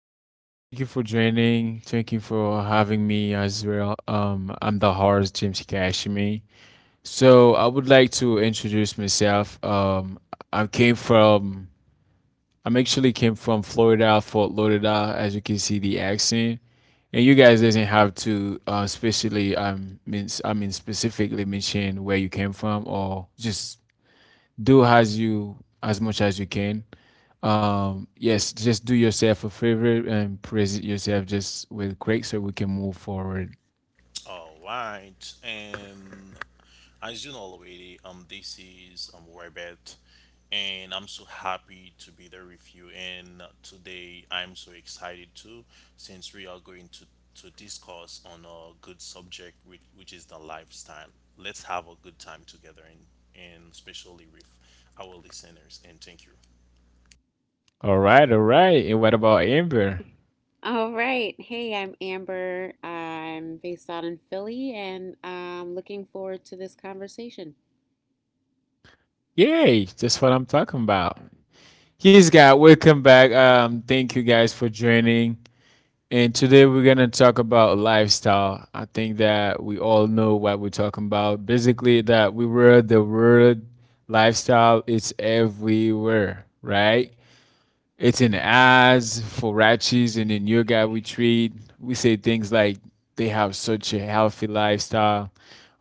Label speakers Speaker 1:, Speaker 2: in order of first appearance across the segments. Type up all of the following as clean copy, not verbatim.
Speaker 1: Thank you for joining. Thank you for having me as well. I'm the host, James Kashimi. So I would like to introduce myself. I came from, I'm actually came from Florida, Fort Lauderdale, as you can see the accent. And you guys doesn't have to, especially, I mean, specifically mention where you came from or just do as much as you can. Yes, just do yourself a favor and praise it yourself just with Craig so we can move forward.
Speaker 2: All right, and as you know already, this is Robert, and I'm so happy to be there with you. And today, I'm so excited too, since we are going to discuss on a good subject, which is the lifestyle. Let's have a good time together, and especially with our listeners. And thank you.
Speaker 1: All right, all right. And what about Amber?
Speaker 3: All right. Hey, I'm Amber. I'm based out in Philly and I'm looking forward to this conversation.
Speaker 1: Yay, that's what I'm talking about. Yes, guys, welcome back. Thank you guys for joining. And today we're gonna talk about lifestyle. I think that we all know what we're talking about. Basically, that we were the word lifestyle. It's everywhere, right? It's in ads for ratchis and in yoga we treat. We say things like they have such a healthy lifestyle,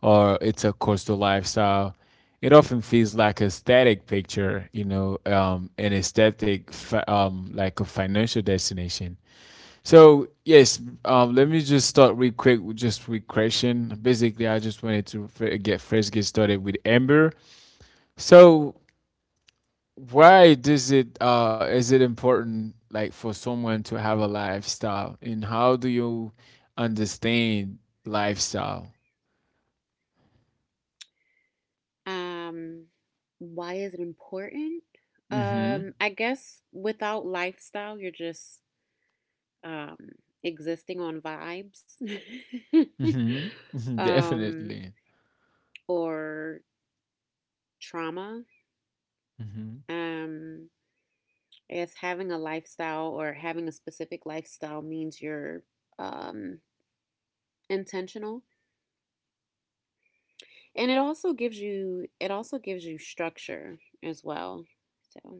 Speaker 1: or it's a coastal lifestyle. It often feels like a static picture, you know, an aesthetic, like a financial destination. So yes, let me just start real quick, with just with question. Basically, I just wanted to get started with Amber. So why does it is it important like for someone to have a lifestyle and how do you understand lifestyle.
Speaker 3: Um, why is it important?
Speaker 1: Mm-hmm.
Speaker 3: I guess without lifestyle, you're just um, existing on vibes
Speaker 1: Mm-hmm. Hmm,
Speaker 3: um,
Speaker 1: definitely.
Speaker 3: or trauma.
Speaker 1: Mm-hmm.
Speaker 3: Um, as having a lifestyle or having a specific lifestyle means you're um, intentional, and it also gives you structure as well, so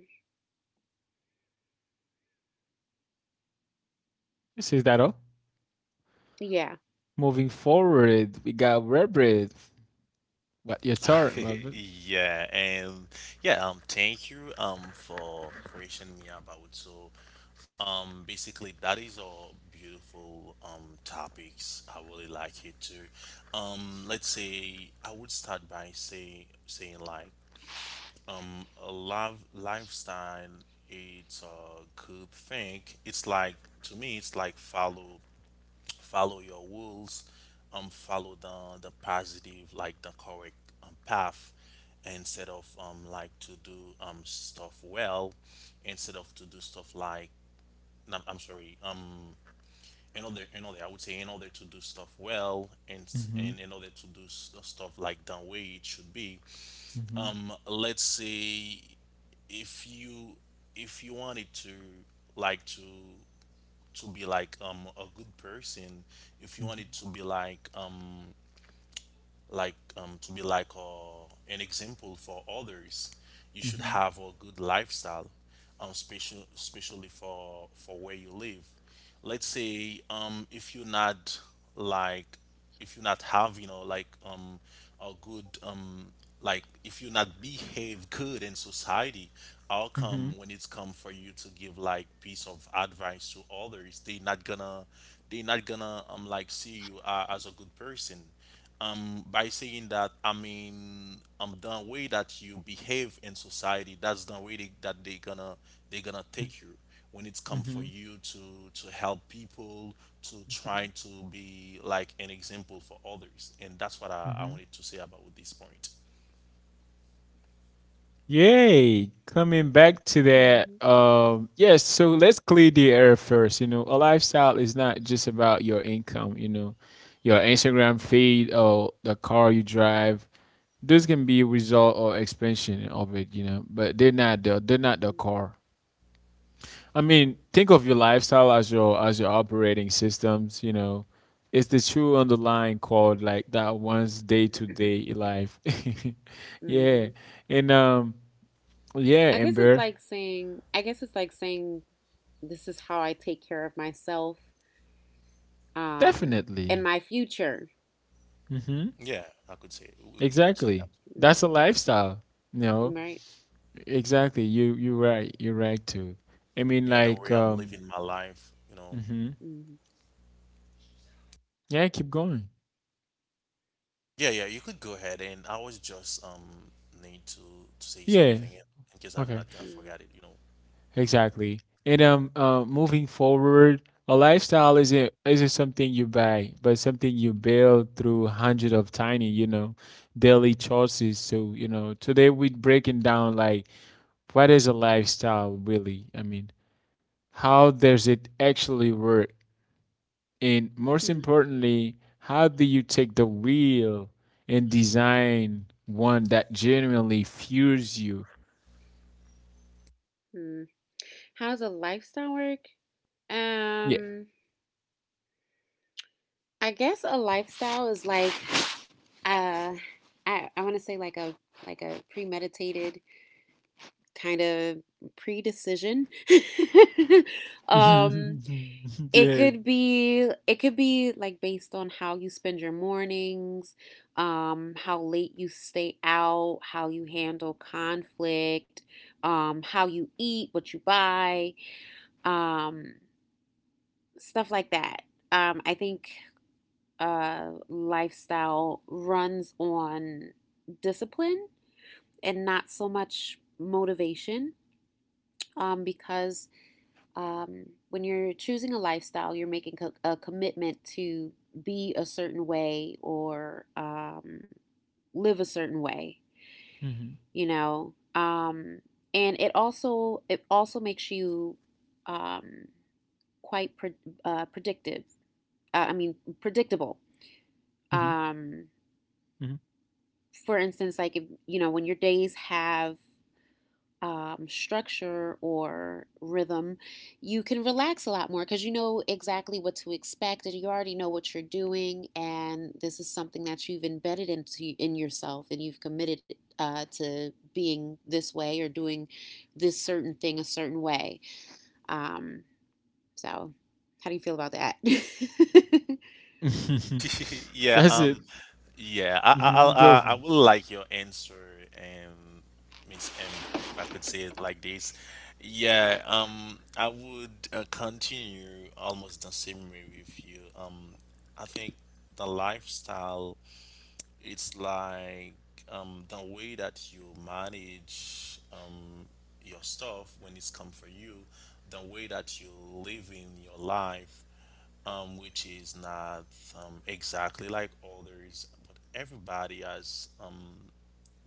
Speaker 1: This is that all?
Speaker 3: yeah.
Speaker 1: Moving forward, we got Robert. What your turn, Robert?
Speaker 2: Yeah, and yeah, thank you for question me about so basically that is all beautiful topics. I really like it too. Let's say I would start by saying like a love lifestyle, it's a good thing. It's like, to me it's like follow your rules, follow the positive, like the correct path, instead of like to do stuff well instead of to do stuff like, no, I'm sorry, in order I would say, in order to do stuff well and
Speaker 1: Mm-hmm.
Speaker 2: and in order to do stuff like the way it should be.
Speaker 1: Mm-hmm.
Speaker 2: Let's say, if you if you wanted to, like to to be like a good person, if you wanted to be like to be like an example for others. You should
Speaker 1: Mm-hmm.
Speaker 2: have a good lifestyle, especially for where you live. Let's say, if you're not, like, if you're not having, you know, like a good, if you not behave good in society, how
Speaker 1: Mm-hmm.
Speaker 2: come when it's come for you to give like piece of advice to others, they not gonna like see you as a good person. By saying that, I mean, the way that you behave in society, that's the way that they gonna, they gonna take you when it's come
Speaker 1: Mm-hmm.
Speaker 2: for
Speaker 1: Mm-hmm.
Speaker 2: you to help people, to try to be like an example for others. And that's what I
Speaker 1: Mm-hmm.
Speaker 2: wanted to say about this point.
Speaker 1: Yay! Coming back to that,
Speaker 3: Mm-hmm,
Speaker 1: yes. So let's clear the air first. You know, a lifestyle is not just about your income. You know, your Instagram feed or the car you drive. Those can be a result or expansion of it. You know, but they're not the
Speaker 3: mm-hmm,
Speaker 1: car. I mean, think of your lifestyle as your operating systems. You know, it's the true underlying code like that one's day to day life.
Speaker 3: mm-hmm.
Speaker 1: Yeah, and. Yeah,
Speaker 3: I guess it's
Speaker 1: Amber.
Speaker 3: like saying I guess it's like saying this is how I take care of myself um and
Speaker 1: Definitely.
Speaker 3: my future.
Speaker 1: Hmm.
Speaker 2: Yeah, I could say, you could say that.
Speaker 1: Exactly. That's a
Speaker 3: Mm-hmm.
Speaker 1: lifestyle. You know,
Speaker 3: Right.
Speaker 1: exactly. You're right. You're right too. I mean,
Speaker 2: Yeah, the
Speaker 1: like,
Speaker 2: way I'm living my life, you know.
Speaker 1: hmm,
Speaker 3: Mm-hmm.
Speaker 1: yeah. Keep going.
Speaker 2: Yeah, you could go ahead. And I was just need to say
Speaker 1: Yeah.
Speaker 2: something in case I'm
Speaker 1: Okay.
Speaker 2: not gonna
Speaker 3: Yeah.
Speaker 2: forget it, you know.
Speaker 1: Exactly. And moving forward, a lifestyle isn't something you buy, but something you build through hundreds of tiny, you know, daily choices. So you know, today
Speaker 3: Mm-hmm.
Speaker 1: we're breaking down like what is a lifestyle really? I mean, how does it actually work? And most
Speaker 3: Hmm.
Speaker 1: importantly, how do you take the wheel and design one that genuinely fuels you?
Speaker 3: Hmm. How does a lifestyle work?
Speaker 1: Yeah.
Speaker 3: um I guess a lifestyle is like uh I want to say like a premeditated kind of pre-decision. um,
Speaker 1: Yeah.
Speaker 3: it could be like based on how you spend your mornings, how late you stay out, how you handle conflict, how you eat, what you buy, um, stuff like that. I think lifestyle runs on discipline and not so much motivation, because when you're choosing a lifestyle, you're making a commitment to be a certain way or live a certain way,
Speaker 1: Mm-hmm.
Speaker 3: you know. Um, and it also makes you um, quite predictive. I mean,
Speaker 1: Mm-hmm.
Speaker 3: predictable. Um, for instance, like if, when your days have structure or rhythm, you can relax a lot more because you know exactly what to expect and you already know what you're doing. And this is something that you've embedded into in yourself, and you've committed to being this way or doing this certain thing a certain way. Um, so, how do you feel about that?
Speaker 1: Mm-hmm.
Speaker 2: Yeah,
Speaker 1: That's it.
Speaker 2: yeah,
Speaker 1: Hmm. Go.
Speaker 2: I will like your answer, Miss Amber, if I could say it like this. Yeah, I would continue almost the same way with you. I think the lifestyle, it's like the way that you manage your stuff when it's come for you, the way that you live in your life, which is not exactly like others, but everybody has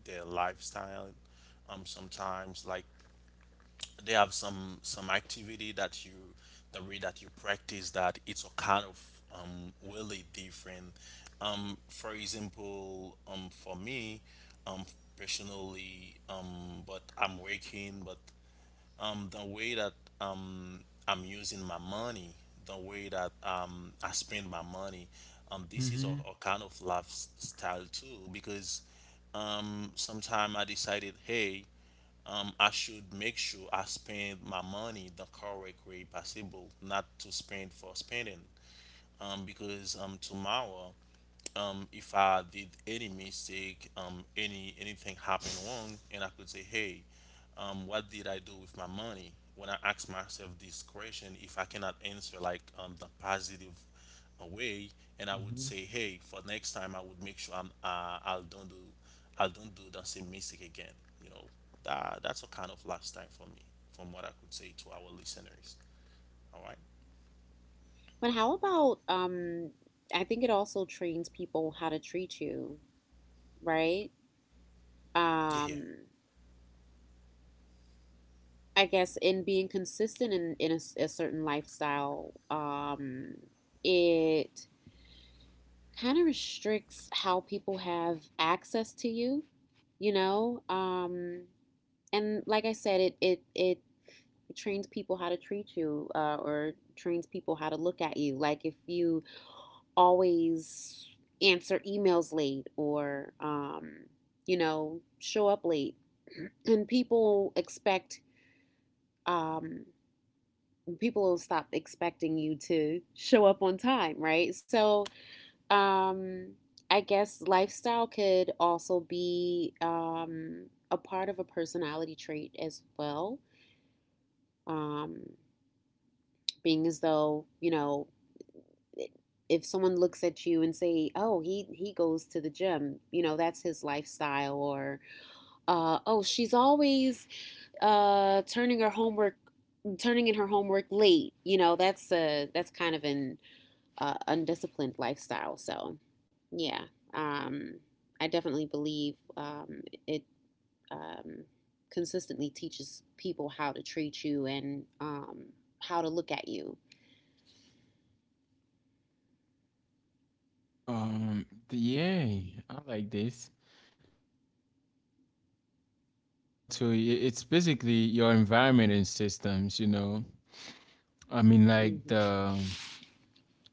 Speaker 2: their lifestyle. Sometimes, like, they have some activity that, the way that you practice that, it's a kind of really different. For example, for me, um, personally, but I'm working, but the way that um I'm using my money, the way that I spend my money, this is
Speaker 1: Mm-hmm.
Speaker 2: a kind of lifestyle too, because sometime I decided, hey, I should make sure I spend my money the correct way possible, not to spend for spending. Because tomorrow, if I did any mistake, any anything happened wrong, and I could say, "Hey, what did I do with my money?" When I ask myself this question, if I cannot answer like the positive way, and I would
Speaker 1: Hmm.
Speaker 2: say, "Hey, for next time, I would make sure I'll don't do the same mistake again." You know, that that's a kind of lifestyle for me, from what I could say to our listeners. All right?
Speaker 3: But how about, I think it also trains people how to treat you, right?
Speaker 2: Yeah,
Speaker 3: Um, I guess in being consistent in a certain lifestyle, it kind of restricts how people have access to you. You know, and like I said, it trains people how to treat you, or trains people how to look at you. Like if you always answer emails late or show up late, and um, people will stop expecting you to show up on time, right? So, um, I guess lifestyle could also be a part of a personality trait as well. Um, Being as though, you know, if someone looks at you and say, "Oh, he goes to the gym," you know that's his lifestyle, or "Oh, she's always turning her homework, turning in her homework late," you know that's kind of an undisciplined lifestyle. So, yeah, um, I definitely believe it um, consistently teaches people how to treat you, and how to look at you.
Speaker 1: Um. Yeah, I like this. Coming to that, a lifestyle too. It's basically your environment and systems. You know, I mean, like
Speaker 3: Mm-hmm,
Speaker 1: the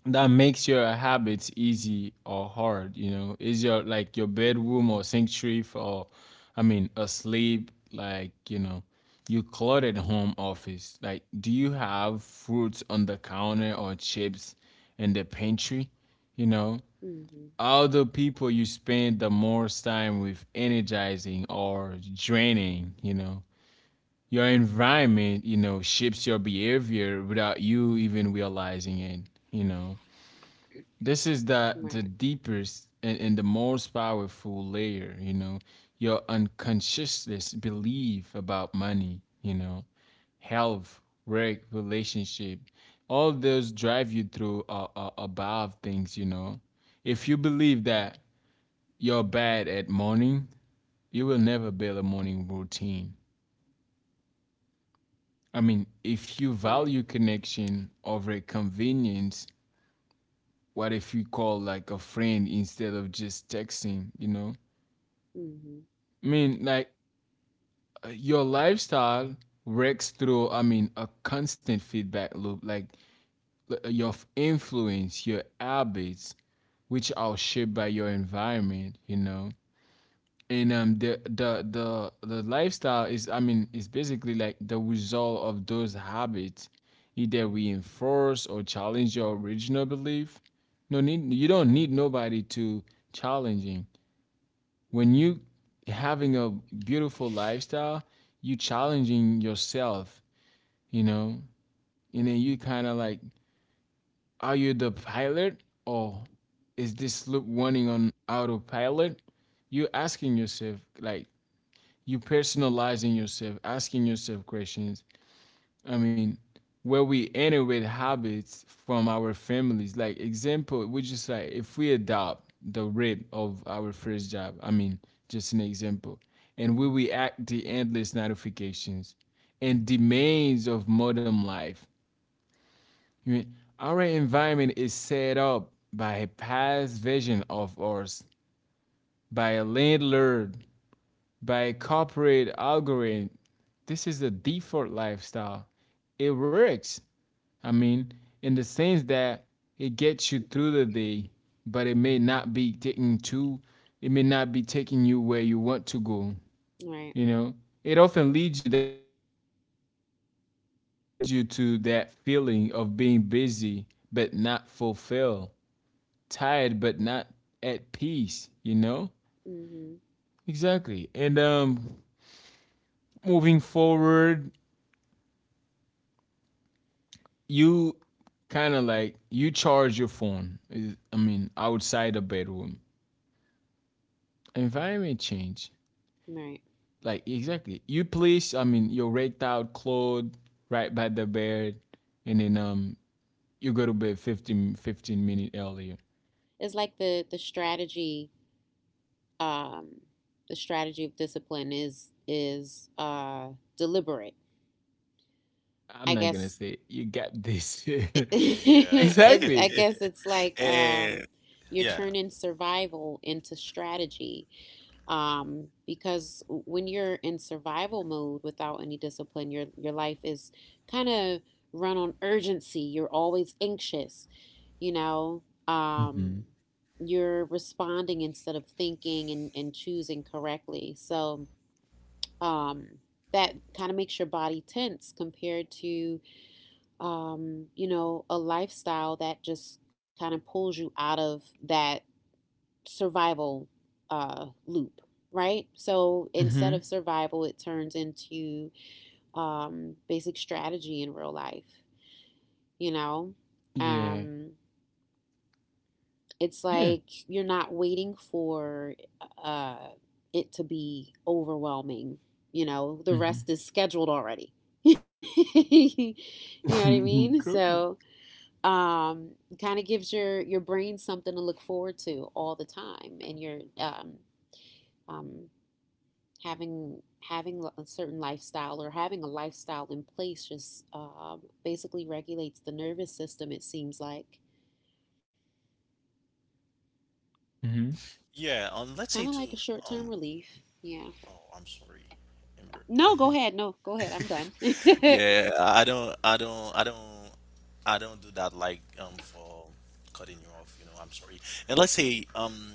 Speaker 1: that makes your habits easy or hard. You know, is your like your
Speaker 3: mm-hmm,
Speaker 1: bedroom or sanctuary for, I mean, asleep, like, you know, you cluttered home office, like, do you have fruits on the counter or chips in the pantry? You know,
Speaker 3: mm-hmm.
Speaker 1: all the people you spend the most time with energizing or draining? You know, your environment, you know, shapes your behavior without you even realizing it, you know. This is the
Speaker 3: Right,
Speaker 1: deepest and the most powerful layer, you know, your unconsciousness belief about money, you know, health, work, relationship. All those drive you through above things, you know. If you believe that you're bad at morning, you will never build a morning routine. I mean, if you
Speaker 3: right,
Speaker 1: value connection over convenience, what if you call like a friend instead of just texting, you know?
Speaker 3: mm-hmm,
Speaker 1: I mean, like your lifestyle works through, I mean, a constant feedback loop, like your influence, your habits, which are shaped by your environment, you know. And the lifestyle is, I mean, is basically like the result of those habits, either reinforce or challenge your original belief. No need, you don't need nobody to challenging when you having a beautiful lifestyle, you challenging yourself, you know, and then you kind of like, are you the pilot or is this loop running on autopilot? You asking yourself, like, you personalizing yourself, asking yourself questions, I mean, where we inherit habits from our families. Like example, we just like if we adopt the rate of our first job. I mean, just an example, and we react the endless notifications and demands of modern life. I mean, our environment is set up by a past version of ours, by a landlord, by a corporate algorithm. This is a default lifestyle. It works I mean, in the sense that it gets you through the day, but it may not be taking you where you want to go.
Speaker 3: mm-hmm. Right,
Speaker 1: You know, it often leads you that it it often leads you to that feeling of being busy but not fulfilled, tired but not at peace. You know,
Speaker 3: mm-hmm,
Speaker 1: exactly. And moving forward, you kind of like you charge your phone. I mean, outside the bedroom. Environment change.
Speaker 3: right.
Speaker 1: Like exactly. You place I mean your raked out clothes right by the bed and then you go to bed 15 15 minutes earlier.
Speaker 3: It's like
Speaker 1: It's
Speaker 3: the strategy. Um, the strategy of discipline is deliberate.
Speaker 1: I'm
Speaker 3: I
Speaker 1: not gonna
Speaker 3: guess
Speaker 1: say it. You got this.
Speaker 2: yeah,
Speaker 3: I
Speaker 1: Exactly.
Speaker 2: Yeah.
Speaker 3: guess it's like
Speaker 2: And
Speaker 3: you're
Speaker 2: yeah.
Speaker 3: turning survival into strategy. Because when you're in survival mode without any discipline, your life is kind of run on urgency. You're always anxious. You know, um,
Speaker 1: Mm-hmm.
Speaker 3: you're responding instead of thinking and choosing correctly. So um, that kind of makes your body tense compared to a lifestyle that just kind of pulls you out of that survival loop, right? So
Speaker 1: Mm-hmm.
Speaker 3: instead of survival, it turns into basic strategy in real life, you know?
Speaker 1: Yeah.
Speaker 3: Um, it's
Speaker 1: Yeah.
Speaker 3: like you're not waiting for uh, it to be overwhelming, you know? The rest is scheduled already. You know
Speaker 1: Mm-hmm.
Speaker 3: what I
Speaker 1: Cool.
Speaker 3: mean? So um, kind of gives your brain something to look forward to all the time, and you're um, having having a certain lifestyle or having a lifestyle in place just basically regulates the nervous system. It seems like
Speaker 1: Mm-hmm.
Speaker 2: Yeah, let's say
Speaker 3: kind of like
Speaker 2: to
Speaker 3: a short term
Speaker 2: Um,
Speaker 3: relief. Yeah.
Speaker 2: oh, I'm sorry, Amber.
Speaker 3: No, go ahead. No, go ahead. I'm done.
Speaker 2: Yeah, I don't do that like for cutting you off. You know, I'm sorry. And let's say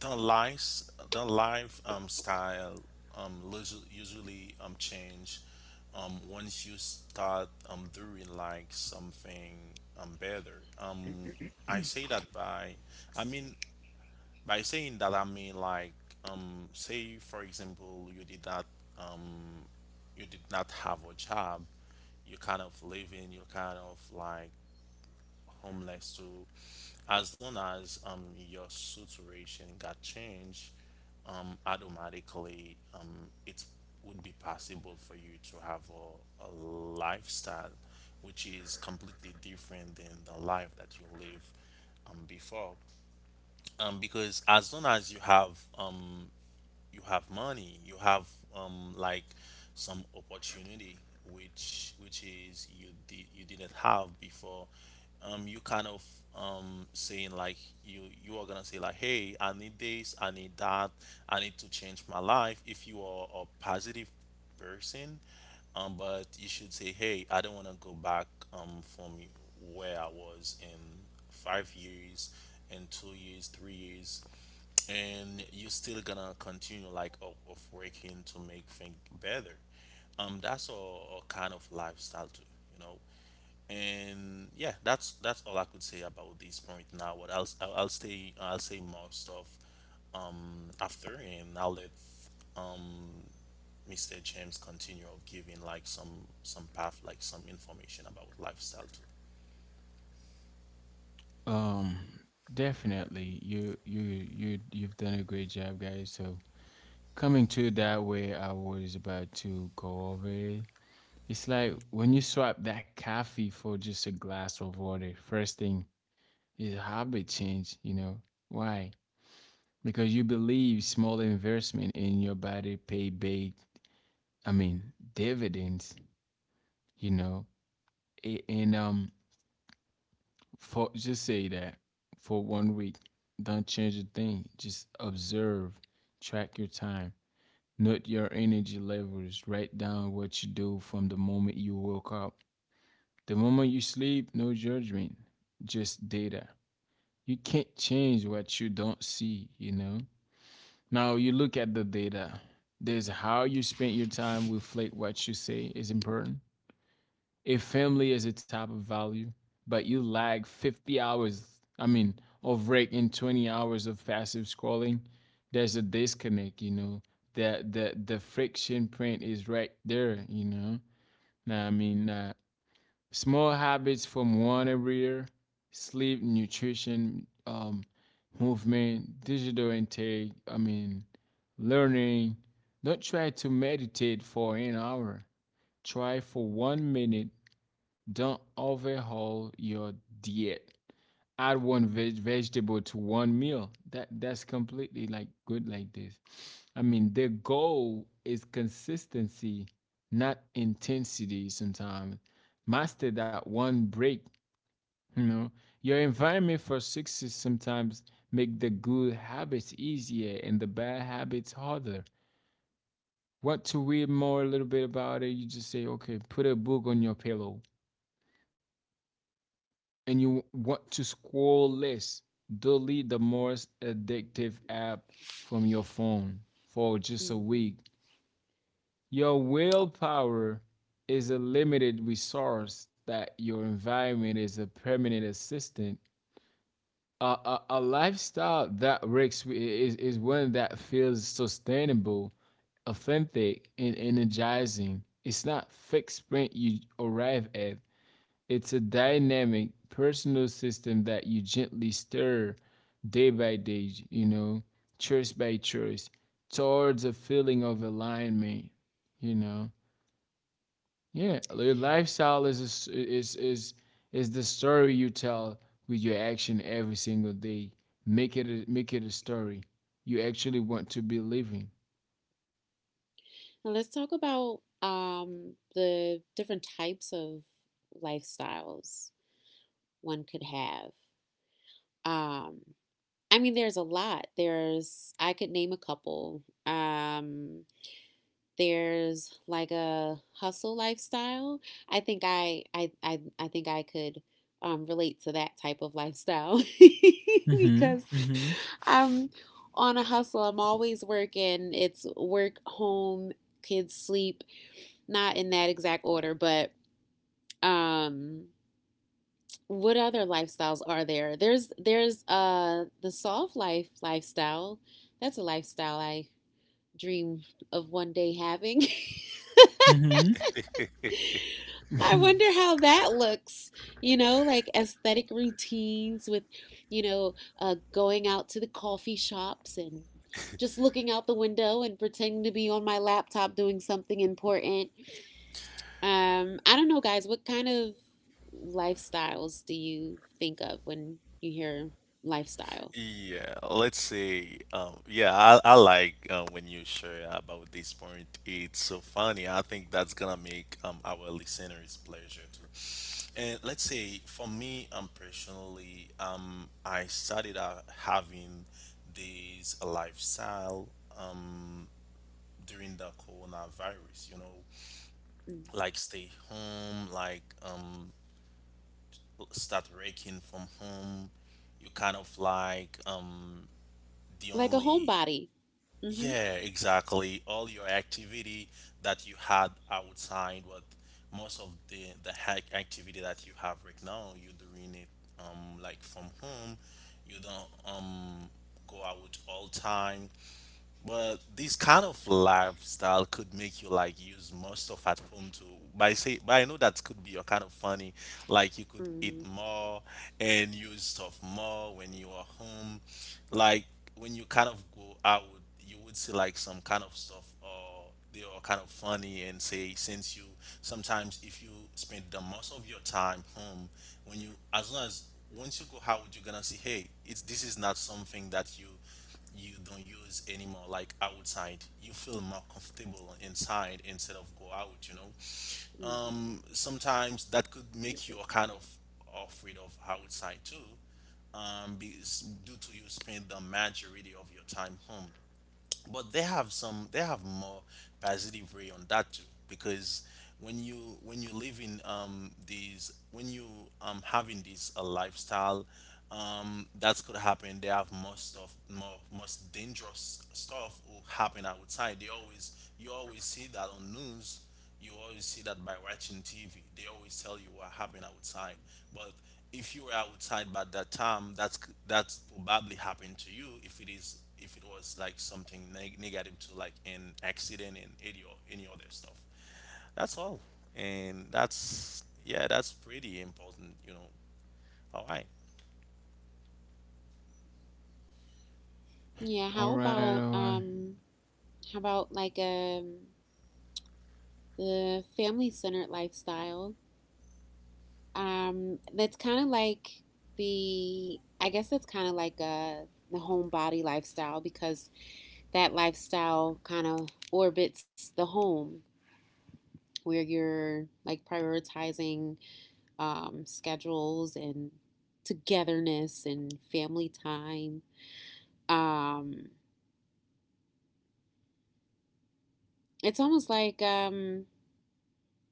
Speaker 2: the life style usually change once you start doing like something better. I say that by, I mean By saying that, I mean like, say for example, you did not have a job, you kind of living, you kind of like homeless too. As long as your situation got changed, automatically it would be possible for you to have a lifestyle which is completely different than the life that you live before, because as long as you have, you have money, you have like some opportunity which is you didn't have before. You kind of saying like, you are gonna say like, hey, I need this, I need that, I need to change my life. If you are a positive person, but you should say, hey, I don't want to go back, from where I was in 5 years, in 2 years, 3 years, and you're still gonna continue like of working to make things better. That's a kind of lifestyle too, you know. And yeah, that's all I could say about this point now. What else? I'll stay I'll say more stuff after, and I'll let um Mr. James continue of giving like some path, like some information about lifestyle too.
Speaker 1: Um, definitely. You've done a great job, guys. So coming to that way, I was about to go over it. It's like when you swap that coffee for just a glass of water, first thing is habit change, you know. Why? Because you believe small investment in your body pay big, I mean, dividends, you know. And for just say that for one week, don't change a thing. Just observe, track your time, note your energy levels, write down what you do from the moment you woke up. The moment you sleep, no judgment, just data. You can't change what you don't see, you know? Now you look at the data. There's how you spend your time reflect what you say is important. If family is a type of value, but you lag 50 hours, I mean, of break and 20 hours of passive scrolling, there's a disconnect, you know. The the friction print is right there, you know. Now I mean, small habits from one every year: sleep, nutrition, movement, digital intake, I mean, learning. Don't try to meditate for an hour. Try for one minute. Don't overhaul your diet, add one veg vegetable to one meal. That's completely like good like this. I mean, their goal is consistency, not intensity sometimes. Master that one break, you know. Your environment for success sometimes make the good habits easier and the bad habits harder. Want to read more a little bit about it? You just say, okay, put a book on your pillow and you want to scroll less, delete the most addictive app from your phone for just a
Speaker 3: Mhm.
Speaker 1: week. Your
Speaker 3: Oh.
Speaker 1: willpower is a limited resource that your environment is a permanent assistant. A lifestyle that works is one that feels sustainable, authentic, and energizing. It's not fixed print you arrive at. It's a dynamic personal system that you gently stir day by day, you know, choice by choice, towards a feeling of alignment, you know. Yeah, your lifestyle is a s is the story you tell with your action every single day. Make it a story you actually want to be living.
Speaker 3: Now let's talk about the different types of lifestyles one could have. Um, I mean, there's a lot. There's I could name a couple. There's like a hustle lifestyle. I think I could relate to that type of lifestyle
Speaker 1: Hmm.
Speaker 3: because I'm on a hustle. I'm always working. It's work, home, kids, sleep. Not in that exact order, but um what other lifestyles are there? There's the soft life lifestyle. That's a lifestyle I dream of one day having.
Speaker 1: Mm-hmm.
Speaker 3: I wonder how that looks, you know, like aesthetic routines with, going out to the coffee shops and just looking out the window and pretending to be on my laptop doing something important. I don't know, guys. What kind of lifestyles do you think of when you hear lifestyle?
Speaker 2: Yeah, let's say, yeah, I like when you share about this point. It's so funny. I think that's gonna make our listeners pleasure too. And let's say for me, personally, I started out having this lifestyle um during the coronavirus. You know,
Speaker 3: Mm.
Speaker 2: like stay home, like start working from home. You kind of like the
Speaker 3: Like a
Speaker 2: only—
Speaker 3: homebody. Mm-hmm.
Speaker 2: Yeah, exactly. All your activity that you had outside, but most of the hack activity that you have right now, you're doing it like from home. You don't go out all time. But this kind of lifestyle could make you like use more stuff at home too. But I say, but I know that could be your kind of funny. Like you could eat
Speaker 3: Mm-hmm.
Speaker 2: more and use stuff more when you are home. Like when you kind of go out, you would see like some kind of stuff or they are kind of funny and say, since you, sometimes if you spend the most of your time home, when you, as long as, once you go out you're gonna see, hey, it's this is not something that you don't use anymore like outside, you feel more comfortable inside instead of go out, you know.
Speaker 3: Mm-hmm.
Speaker 2: Sometimes that could make you kind of afraid of outside too, um, be, due to you spend the majority of your time home. But they have some they have more positive way on that too, because when you when you live in these when you having this a lifestyle, that's could happen, they have most of more most dangerous stuff will happen outside. They always You always see that on news, you always see that by watching TV. They always tell you what happened outside. But if you were outside by that time, that's probably happened to you. If it is, if it was like something negative, to like an accident and any or any other stuff. That's all, and that's, yeah, that's pretty important. You know. All right.
Speaker 3: Yeah. How
Speaker 1: Right,
Speaker 3: about
Speaker 1: all right.
Speaker 3: um? How about like a the family centered lifestyle? That's kind of like the. I guess that's kind of like a the homebody lifestyle, because that lifestyle kind of orbits the home where you're like prioritizing schedules and togetherness and family time. Um, it's almost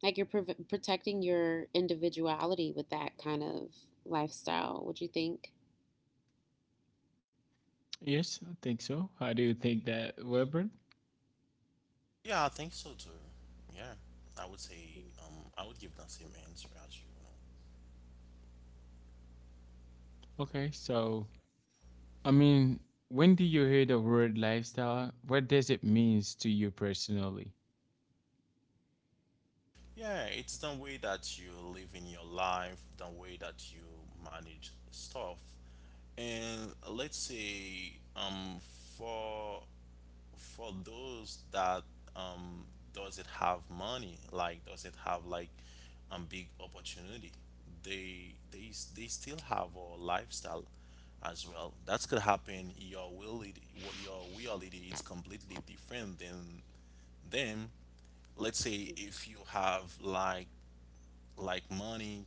Speaker 3: like you're protecting your individuality with that kind of lifestyle. Would you think?
Speaker 1: Yes, I think so. How do you think that, Weber?
Speaker 2: Yeah, I think so too. Yeah, I would say I would give that same answer as you. You know.
Speaker 1: Okay, so I mean, when do you hear the word lifestyle? What does it means to you personally?
Speaker 2: Yeah, it's the way that you live in your life, the way that you manage stuff. And let's say for those that um doesn't have money, like doesn't have like big opportunity, they still have a lifestyle as well. That could happen. Your reality, what your reality, is completely different than then, let's say
Speaker 3: Mm-hmm.
Speaker 2: if you have like money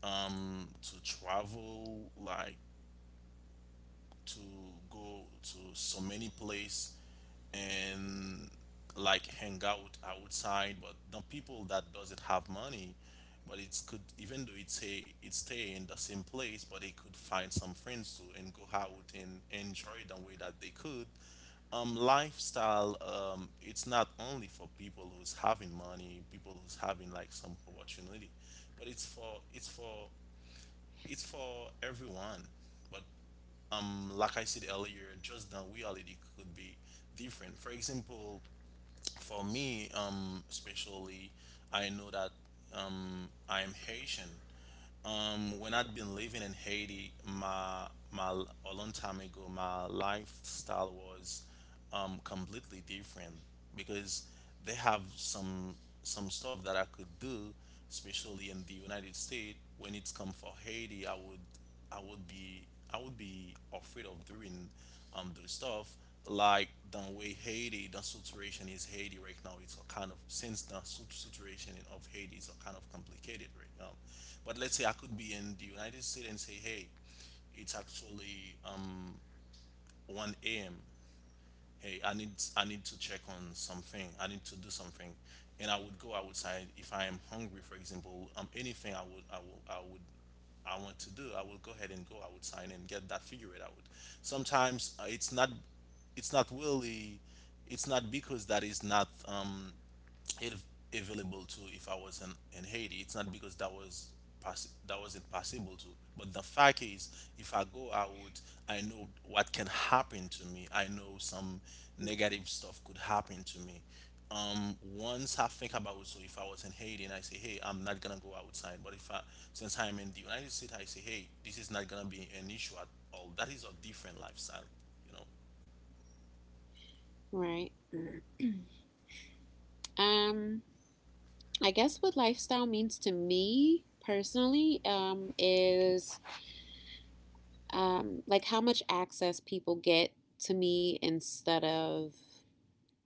Speaker 2: to travel, like to go to so many place and like hang out outside. But the people that doesn't have money, but it could, even though it stay in the same place, but they could find some friends too and go out and enjoy the way that they could lifestyle. It's not only for people who's having money, people who's having like some opportunity, but it's for everyone. But like I said earlier, just the reality could be different. For example, for me, especially, I know that I am Haitian. When I'd been living in Haiti, my a long time ago, my lifestyle was completely different, because they have some stuff that I could do. Especially in the United States, when it's come for Haiti, I would be, I would be afraid of doing those stuff. Like the way Haiti, the situation is Haiti right now, it's a kind of, since the situation of Haiti is a kind of complicated right now. But let's say I could be in the United States and say, hey, it's actually 1 a.m, hey, I need to check on something, I need to do something. And I would go outside if I am hungry, for example, anything I would, I want to do, I will go ahead and go outside and get that figured out. Sometimes it's not, it's not really, it's not because that is not if available to, if I was in Haiti. It's not because that was that wasn't possible to. But the fact is, if I go out, I know what can happen to me. I know some
Speaker 3: Mm-hmm.
Speaker 2: negative stuff could happen to me. Once I think about, so if I was in Haiti and I say, hey, I'm not gonna go outside. But if I, since I'm in the United States, I say, hey, this is not gonna be an issue at all. That is a different lifestyle, you know.
Speaker 3: Right. Mm-hmm. Um, I guess what lifestyle means to me personally is like how much access people get to me instead of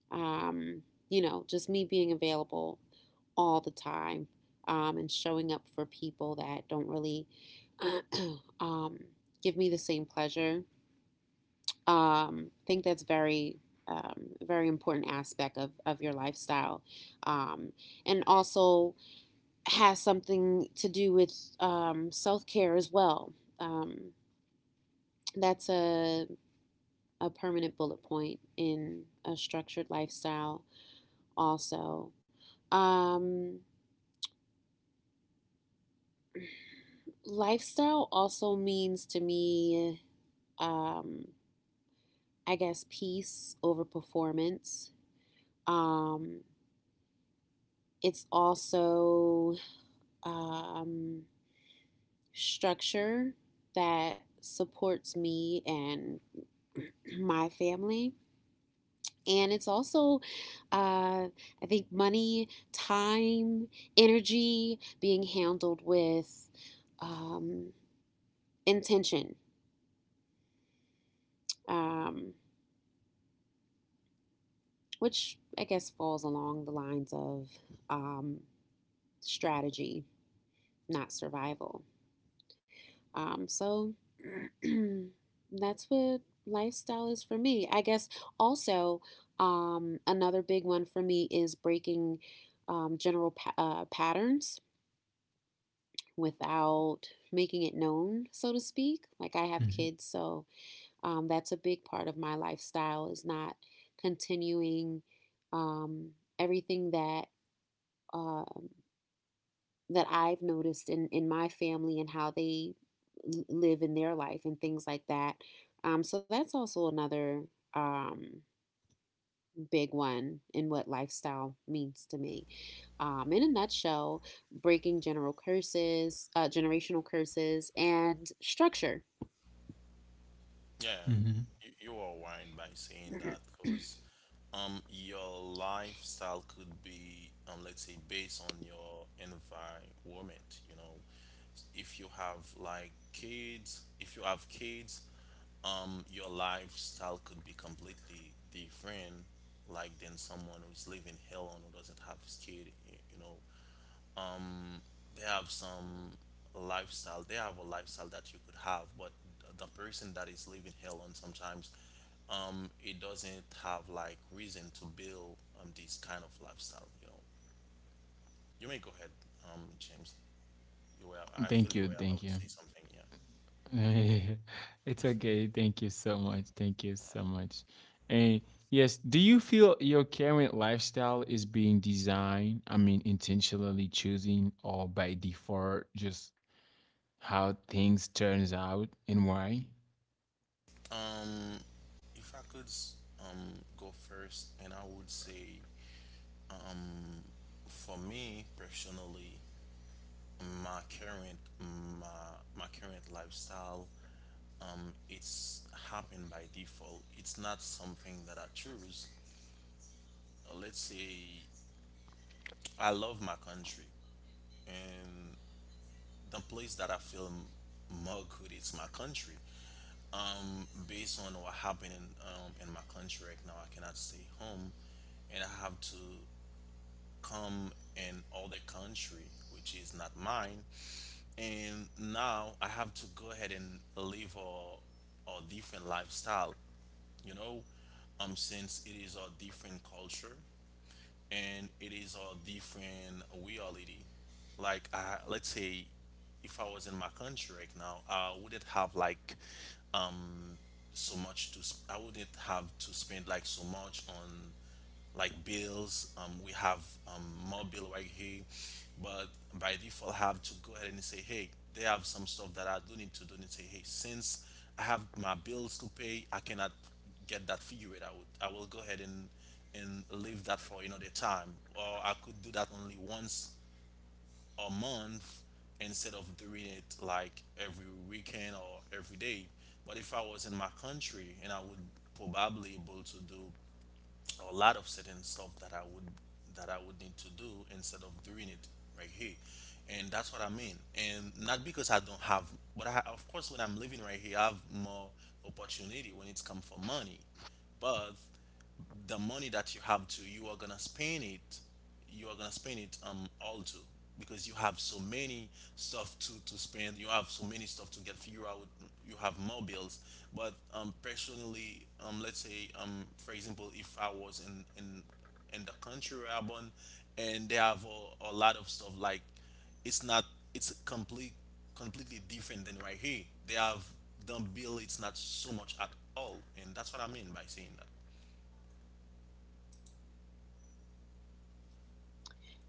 Speaker 3: um, just me being available all the time, and showing up for people that don't really um, give me the same pleasure. I think that's very, very important aspect of your lifestyle. Um, and also has something to do with self care as well. Um, that's a permanent bullet point in a structured lifestyle, also. Um, Lifestyle also means to me, um I guess, peace over performance. um it's also um structure that supports me and my family, and it's also, uh, I think, money, time, energy being handled with um, intention, um, which I guess falls along the lines of um, strategy, not survival. So, that's what lifestyle is for me. I guess also, another big one for me is breaking general patterns without making it known, so to speak. Like I have
Speaker 1: Hmm.
Speaker 3: kids, so that's a big part of my lifestyle is not continuing um, everything um that I've noticed in my family and how they live in their life and things like that. So that's also another um, big one in what lifestyle means to me. In a nutshell, breaking general curses, generational curses, and structure.
Speaker 2: Yeah,
Speaker 1: Hmm.
Speaker 2: you are right by saying that because your lifestyle could be, let's say, based on your environment. You know, if you have like kids, if you have kids, your lifestyle could be completely different, like than someone who's living hell on, who doesn't have his kid. You know, they have some lifestyle, they have a lifestyle that you could have. But the person that is living hell on sometimes, it doesn't have like reason to build this kind of lifestyle, you know. You may go ahead, James, you were, I feel
Speaker 1: Thank
Speaker 2: you
Speaker 1: you,
Speaker 2: were about
Speaker 1: thank
Speaker 2: to
Speaker 1: you.
Speaker 2: say something. Yeah.
Speaker 1: It's okay. Thank you so much. Thank you so much. And yes, do you feel your current lifestyle is being designed? I mean, intentionally choosing or by default, just how things turns out and why?
Speaker 2: um if I could go first, and I would say, um for me personally, my current my my current lifestyle, it's happened by default. It's not something that I choose. Let's say I love my country, and the place that I feel more good is my country. Based on what happened in my country right now, I cannot stay home, and I have to come in other country, which is not mine. And now I have to go ahead and live a different lifestyle, you know, since it is a different culture and it is a different reality. Like, I, let's say, if I was in my country right now, I wouldn't have like um so much to. I wouldn't have to spend like so much on like bills. We have, um, more bill right here, but by default, I have to go ahead and say, hey, they have some stuff that I do need to do, and say, hey, since I have my bills to pay, I cannot get that figured out. I will go ahead and leave that for another time, or I could do that only once a month instead of doing it like every weekend or every day. But if I was in my country, and I would probably able to do a lot of certain stuff that I would, need to do instead of doing it right here. And that's what I mean. And not because I don't have, but I, of course, when I'm living right here, I have more opportunity when it's come for money. But the money that you have to, you are gonna spend it all to, because you have so many stuff to spend, you have so many stuff to get figure out, you have more bills. But personally, let's say, for example, if I was in the country where I'm born, and they have a lot of stuff, like, it's not, it's completely different than right here. They have, the bill, it's not so much at all. And that's what I mean by saying that.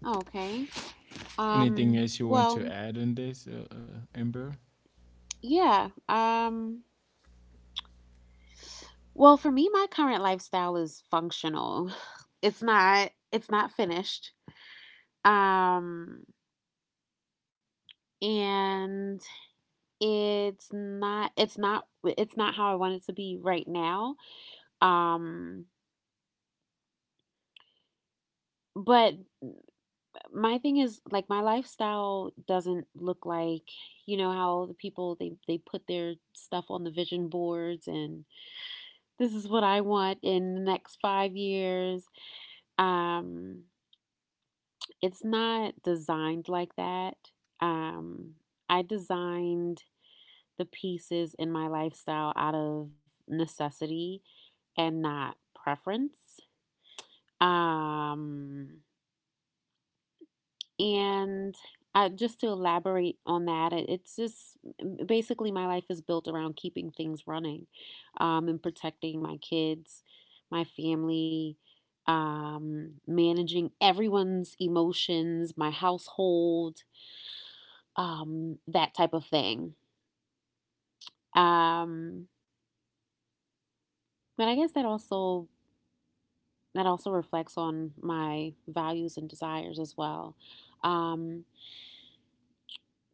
Speaker 3: Okay.
Speaker 1: Anything else you want
Speaker 3: Well,
Speaker 1: to add on this, Amber?
Speaker 3: yeah. Well, for me, my current lifestyle is functional. It's not. It's not finished. Um, and it's not how I want it to be right now. Um but my thing is, like, my lifestyle doesn't look like, you know, how the people, they put their stuff on the vision boards, and this is what I want in the next 5 years. Um it's not designed like that. Um I designed the pieces in my lifestyle out of necessity and not preference. Um, and I just to elaborate on that, it's just basically my life is built around keeping things running, and protecting my kids, my family, managing everyone's emotions, my household, that type of thing. Um, but I guess that also reflects on my values and desires as well. Um,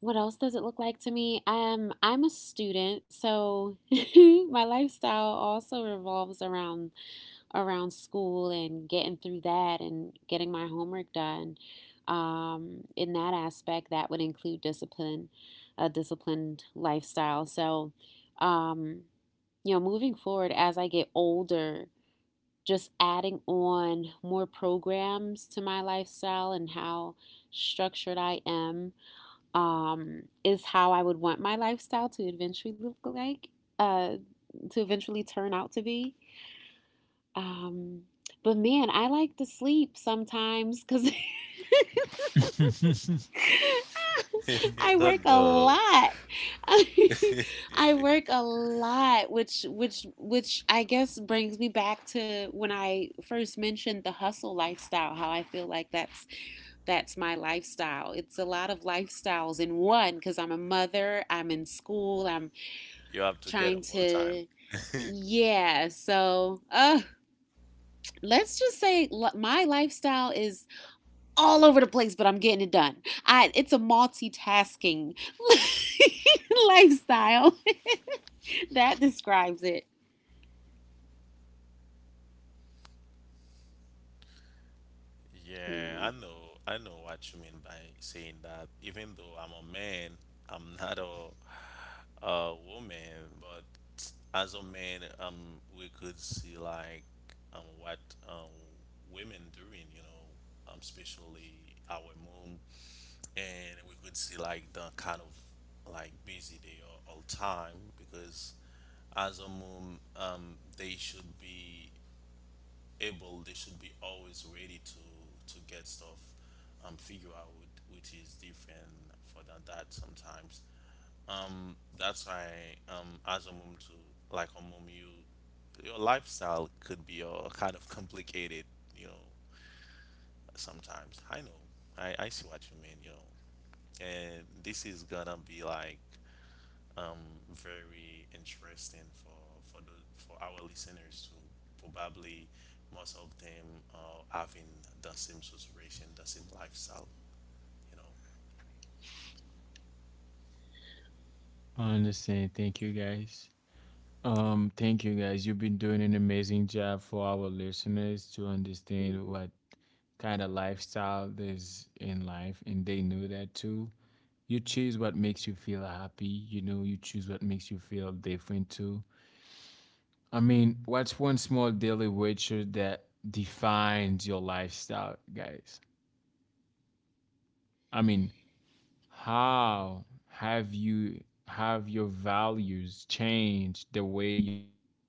Speaker 3: What else does it look like to me? I'm a student, so my lifestyle also revolves around school and getting through that and getting my homework done. In that aspect, that would include discipline, a disciplined lifestyle. So, um, you know, moving forward as I get older, just adding on more programs to my lifestyle and how structured I am is how I would want my lifestyle to eventually look like, uh, to eventually turn out to be. Um, but man, I like to sleep sometimes because I
Speaker 2: Oh
Speaker 3: work a
Speaker 2: no!
Speaker 3: lot. I work a lot, which I guess brings me back to when I first mentioned the hustle lifestyle. How I feel like that's my lifestyle. It's a lot of lifestyles in one because I'm a mother. I'm in school. I'm
Speaker 2: You have to get up
Speaker 3: trying
Speaker 2: all the time.
Speaker 3: to. Yeah, so let's just say my lifestyle is all over the place, but I'm getting it done. I It's a multitasking lifestyle, that describes it.
Speaker 2: Yeah,
Speaker 3: Yeah.
Speaker 2: I know. I know what you mean by saying that. Even though I'm a man, I'm not a woman. But as a man, we could see like what um women doing. You know, especially our mom, and we could see like the kind of like busy they are all time. Because as a mom, they should be able they should be always ready to get stuff figure out, which is different for than that sometimes. That's why, as a mom to, a mom, you, your lifestyle could be kind of complicated, you know. Sometimes I know, I see what you mean, you know. And this is gonna be like, very interesting for the for our listeners. To probably most of them are having the same situation, the same lifestyle, you know.
Speaker 1: I understand. Thank you guys. Thank you guys. You've been doing an amazing job for our listeners to understand
Speaker 3: Mm-hmm.
Speaker 1: what kind of lifestyle there's in life, and they know that too. You choose what makes you feel happy, you know, you choose what makes you feel different too. I mean, what's one small daily ritual that defines your lifestyle, guys? I mean, how have you have your values changed the way you live?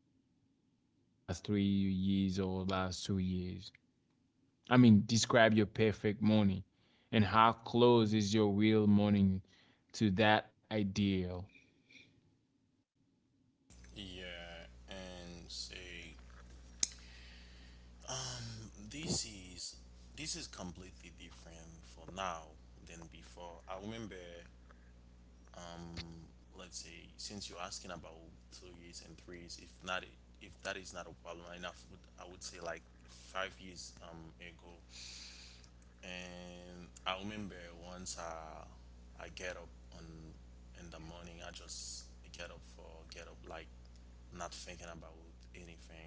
Speaker 1: I mean, just say in the last 3 years or last 2 years. I mean, describe your perfect morning and how close is your real morning to that ideal.
Speaker 2: Yeah, and say, this is, this is completely different for now than before. I remember, um, let's say, since you're asking about 2 years and 3 years, if not, if that is not a problem enough, would, I would say like 5 years ago. And I remember, once I get up on, in the morning, I just get up for get up like not thinking about anything.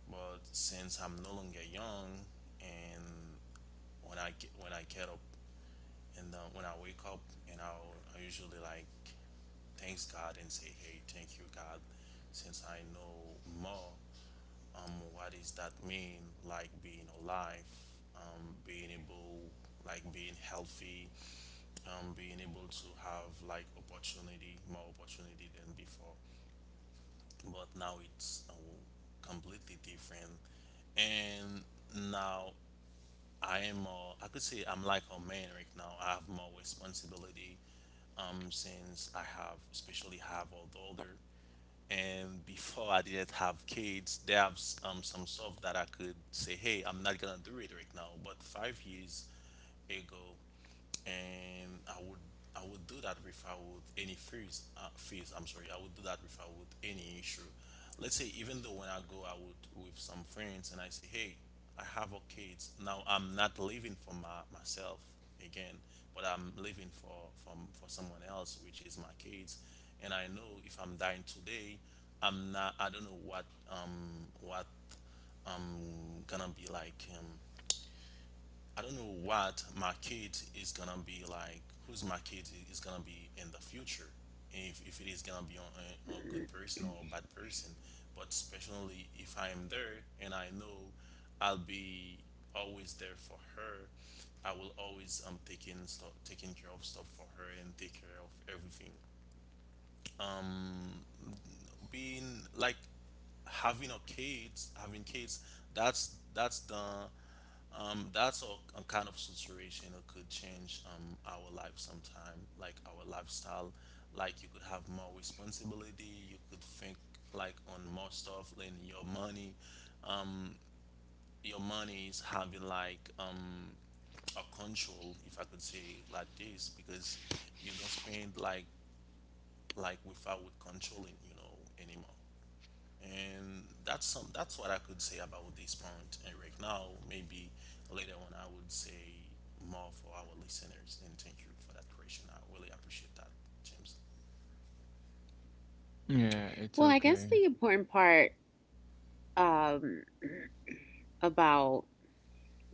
Speaker 2: But since I'm no longer young, and when I get up and the, when I wake up, and I usually like thanks God and say, hey, thank you God, since I know more what is that mean, like being alive, being able, like being healthy, being able to have like opportunity, more opportunity than before. But now it's completely different. And now I am, more, I could say I'm like a man right now. I have more responsibility, since I have, especially have all the older. And before I didn't have kids, there have some stuff that I could say, hey, I'm not gonna do it right now. But 5 years ago, and I would, I would do that if I would any fears, I'm sorry, I would do that if I would any issue. Let's say, even though when I would with some friends and I say, hey, I have a kids now, I'm not living for myself again, but I'm living for someone else, which is my kids. And I know if I'm dying today, I don't know what um what I'm gonna be like, I don't know what my kid is gonna be like, who's my kid is gonna be in the future, if it is gonna be a good person or a bad person. But especially if I am there, and I know I'll be always there for her, I will always taking taking care of stuff for her and take care of everything. Being like having a kids, that's the that's a kind of situation that could change, our life sometime, like our lifestyle. Like you could have more responsibility, you could think like on more stuff, like your money. Um, your money is having like, a control, if I could say it like this, because you don't spend like without controlling, you know, anymore. And that's what I could say about this point. And right now, maybe later on, I would say more for our listeners. And thank you for that question. I really appreciate that, James.
Speaker 1: Yeah, it's
Speaker 3: Well, I guess
Speaker 1: okay.
Speaker 3: the important part um about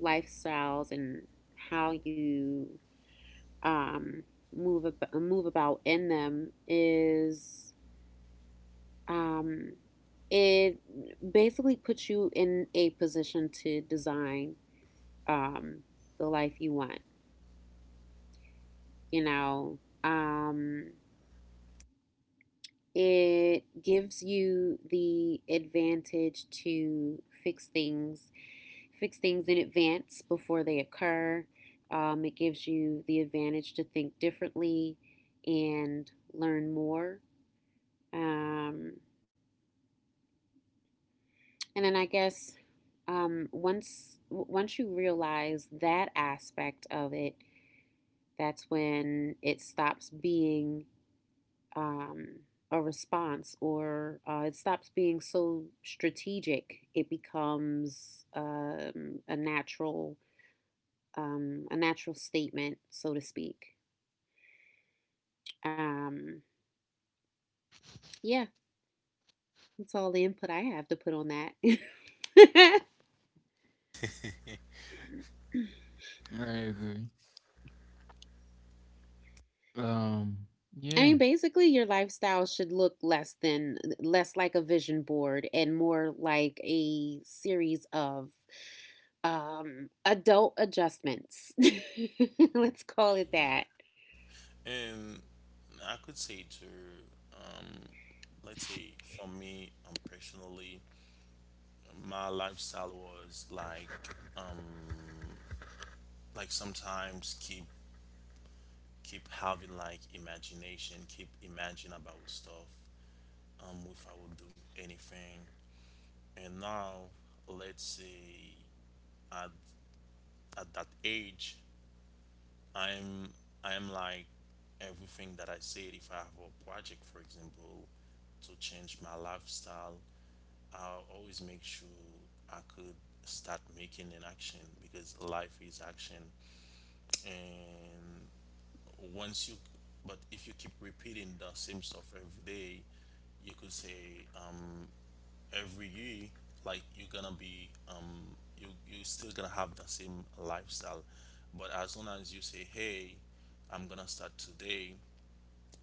Speaker 3: lifestyles and how you um move about in them is Um, it basically puts you in a position to design um, the life you want. You know, um, it gives you the advantage to fix things in advance before they occur. It gives you the advantage to think differently and learn more. Um, And then I guess um, once once you realize that aspect of it, that's when it stops being um, a response, or it stops being so strategic. It becomes a natural statement, so to speak. Um, yeah, that's all the input I have to put on that.
Speaker 1: I agree. Um,
Speaker 3: I
Speaker 1: yeah.
Speaker 3: mean, basically, your lifestyle should look less than less like a vision board and more like a series of adult adjustments. Let's call it
Speaker 2: Yeah.
Speaker 3: that.
Speaker 2: And I could say to, let's say, for me, personally, my lifestyle was like sometimes keep having like imagination, keep imagine about stuff. If I would do anything. And now, let's say, at that age, i'm I'm like, everything that I said, if I have a project, for example, to change my lifestyle, I'll always make sure I could start making an action, because life is action. And once you, but if you keep repeating the same stuff every day, you could say, um, every year, like, you're gonna be, um, you still gonna have the same lifestyle. But as soon as you say, hey, I'm gonna start today,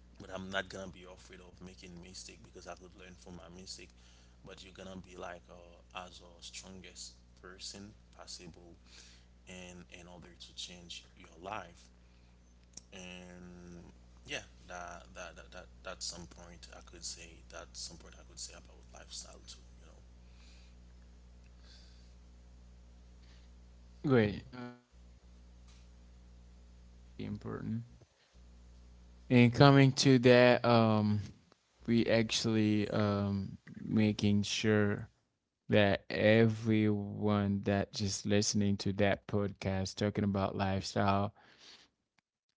Speaker 2: but I'm not gonna be afraid of making mistake, because I could learn from my mistake. But you're gonna be like, as a strongest person possible, and in order to change your life. And yeah, that's some point I could say, about lifestyle too, you know.
Speaker 1: Great. I understand. Thank you guys. This is really important. And coming to that, we actually making sure that everyone that just listening to that podcast talking about lifestyle,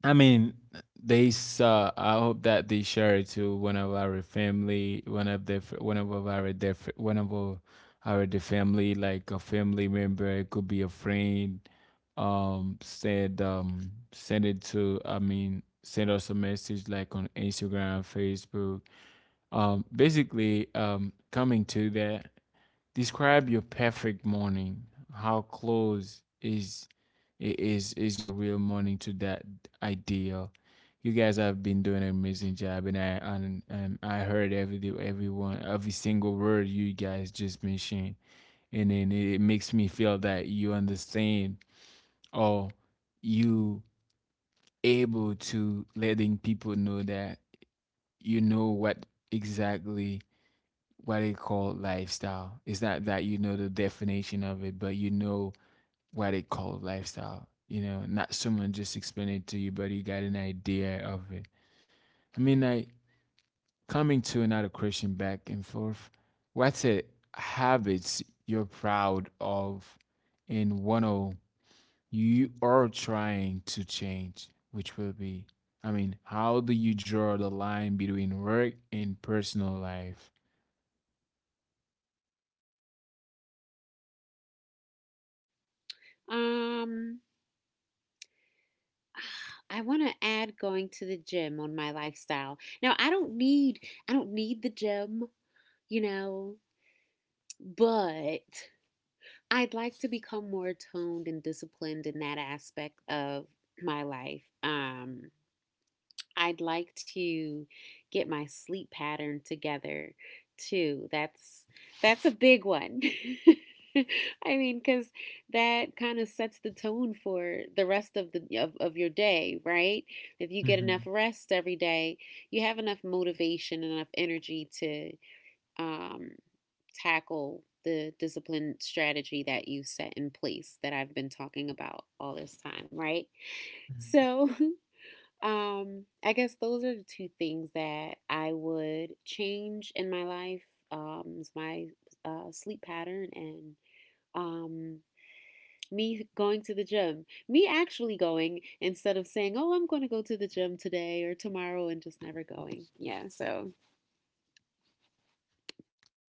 Speaker 1: i mean they saw, I hope that they share it to one of our family, one of the one of our def, one of our the family, like a family member, it could be a friend. Said Send it to, send us a message like on Instagram, Facebook. Basically, coming to that, describe your perfect morning. How close is your real morning to that ideal? You guys have been doing an amazing job, and I heard every single word you guys just mentioned, and then it makes me feel that you understand, or you able to letting people know that, you know what, exactly what they call lifestyle. It's not that you know the definition of it, but you know what they call lifestyle. You know, not someone just explain it to you, but you got an idea of it. I mean, like, coming to another question, back and forth. What's a habits you're proud of, and one of you are trying to change, which will be? I mean, how do you draw the line between work and personal life?
Speaker 3: Um, I want to add going to the gym on my lifestyle. Now, I don't need the gym, you know, but I'd like to become more toned and disciplined in that aspect of my life. I'd like to get my sleep pattern together too. That's a big one. I mean, because that kind of sets the tone for the rest of the of your day, right? If you
Speaker 1: hmm
Speaker 3: get
Speaker 1: hmm
Speaker 3: enough rest every day, you have enough motivation, enough energy to um, tackle the discipline strategy that you set in place that I've been talking about all this time, right? So I guess those are the two things that I would change in my life. Is my sleep pattern and um, me going to the gym. Me actually going instead of saying, "Oh, I'm going to go to the gym today or tomorrow," and just never going. Yeah. So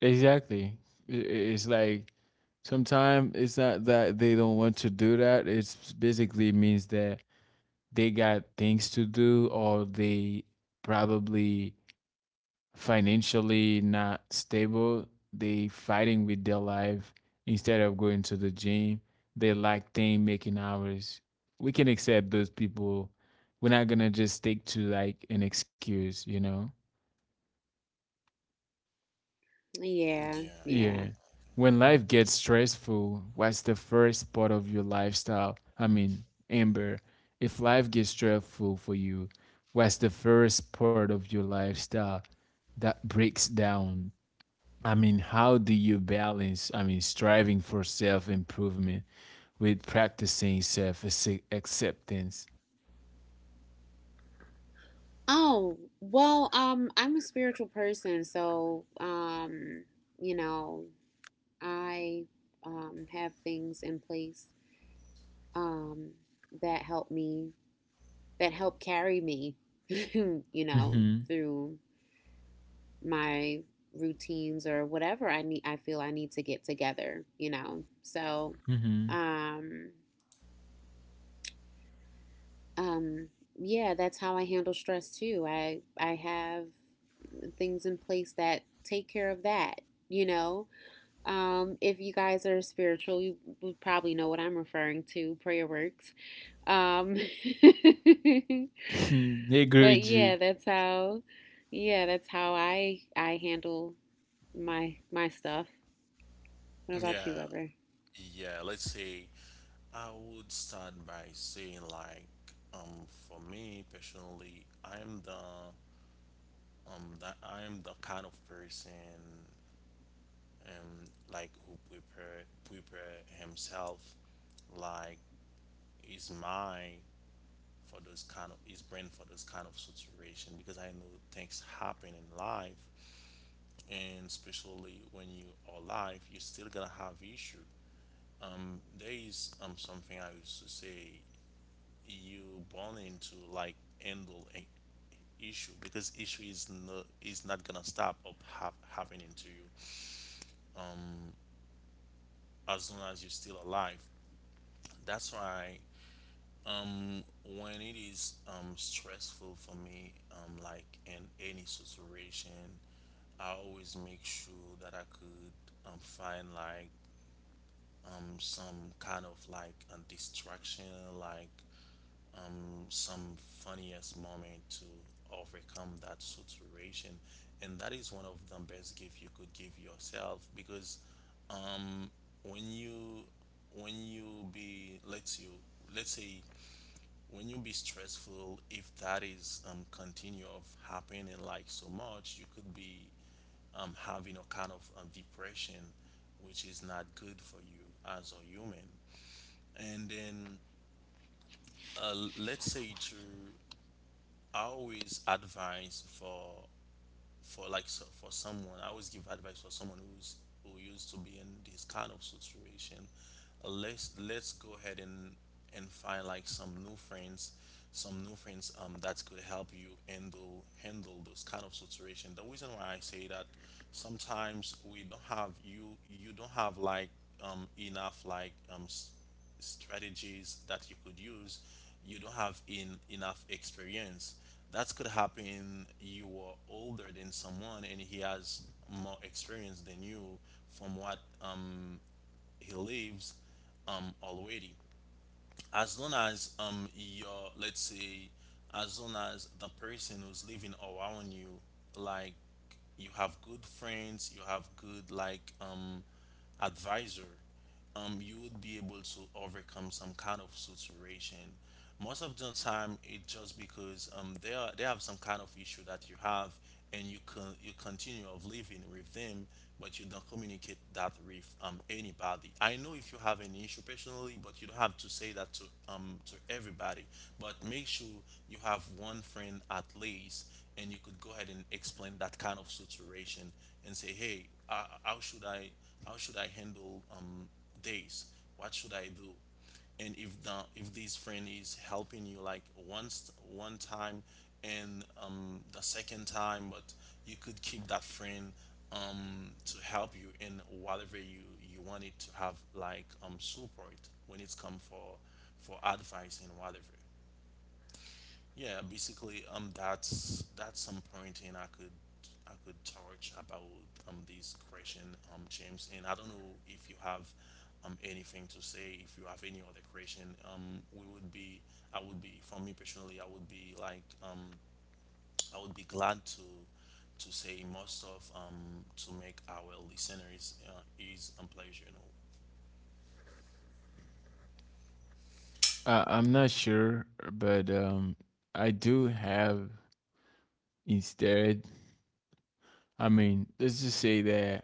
Speaker 1: Exactly. I- i- It's like sometimes it's not that they don't want to do that. It's basically means that they got things to do, or they probably financially not stable. They fighting with their life instead of going to the gym. They lack thing making hours. We can accept those people. We're not gonna just stick to like an excuse, you know?
Speaker 3: yeah,
Speaker 2: Yeah.
Speaker 3: yeah.
Speaker 1: Yeah. When life gets stressful, what's the first part of your lifestyle? I mean, Amber, if life gets stressful for you, what's the first part of your lifestyle that breaks down? I mean, how do you balance, I mean, striving for self improvement with practicing self acceptance?
Speaker 3: Oh well, I'm a spiritual person, so you know, I have things in place um, that helped me, that helped carry me, you know,
Speaker 1: Mm
Speaker 3: through my routines or whatever I need. I feel I need to get together, you know. So,
Speaker 1: hmm. Mm
Speaker 3: um, um, yeah, that's how I handle stress too. I have things in place that take care of that. You know, if you guys are spiritual, you would probably know what I'm referring to. Prayer works. Um,
Speaker 1: hmm. I agree
Speaker 3: But
Speaker 1: with you. Mm
Speaker 3: yeah,
Speaker 1: hmm.
Speaker 3: that's how I handle my stuff. What
Speaker 2: Yeah,
Speaker 3: about you, Weber?
Speaker 2: yeah. Let's say I would start by saying for me personally, I'm the kind of person um like who prepare himself, like his mind for those his brain for those kind of situation because I know things happen in life, and especially when you are alive, you're still gonna have issue. There is something I used to say. You born into like handle a issue because issue is not gonna stop of happening to you as long as you're still alive. That's why um when it is stressful for me like in any situation, I always make sure that I could find like some kind of like a distraction, like some funniest moment to overcome that situation. And that is one of the best gift you could give yourself because when you when you be let's you let's say when you be stressful, if that is continue of happening like so much, you could be having a kind of depression, which is not good for you as a human. And then let's say to I always advise for someone. I always give advice for someone who's who used to be in this kind of situation. Let's go ahead and find like some new friends, some new friends that could help you handle those kind of situation. The reason why I say that, sometimes we don't have you don't have like enough like strategies that you could use. You don't have in enough experience that could happen. You are older than someone and he has more experience than you from what he lives already. As long as your let's say as long as the person who's living around you, like, you have good friends, you have good like advisor, you would be able to overcome some kind of situation. Most of the time, it's just because they have some kind of issue that you have, and you continue of living with them, but you don't communicate that with anybody. I know if you have an issue personally, but you don't have to say that to everybody. But make sure you have one friend at least, and you could go ahead and explain that kind of situation and say, hey, how should I handle days? What should I do? And if the if this friend is helping you like once one time and the second time, but you could keep that friend to help you in whatever you want it to have like support when it's come for advice and whatever. Yeah, basically, that's some pointing I could touch about this question, James. And I don't know if you have anything to say. If you have any other question, we would be I would be, for me personally, I would be I would be glad to say more stuff to make our listeners is a pleasure. You know,
Speaker 1: I'm not sure, but I do have. Instead, I mean, let's just say that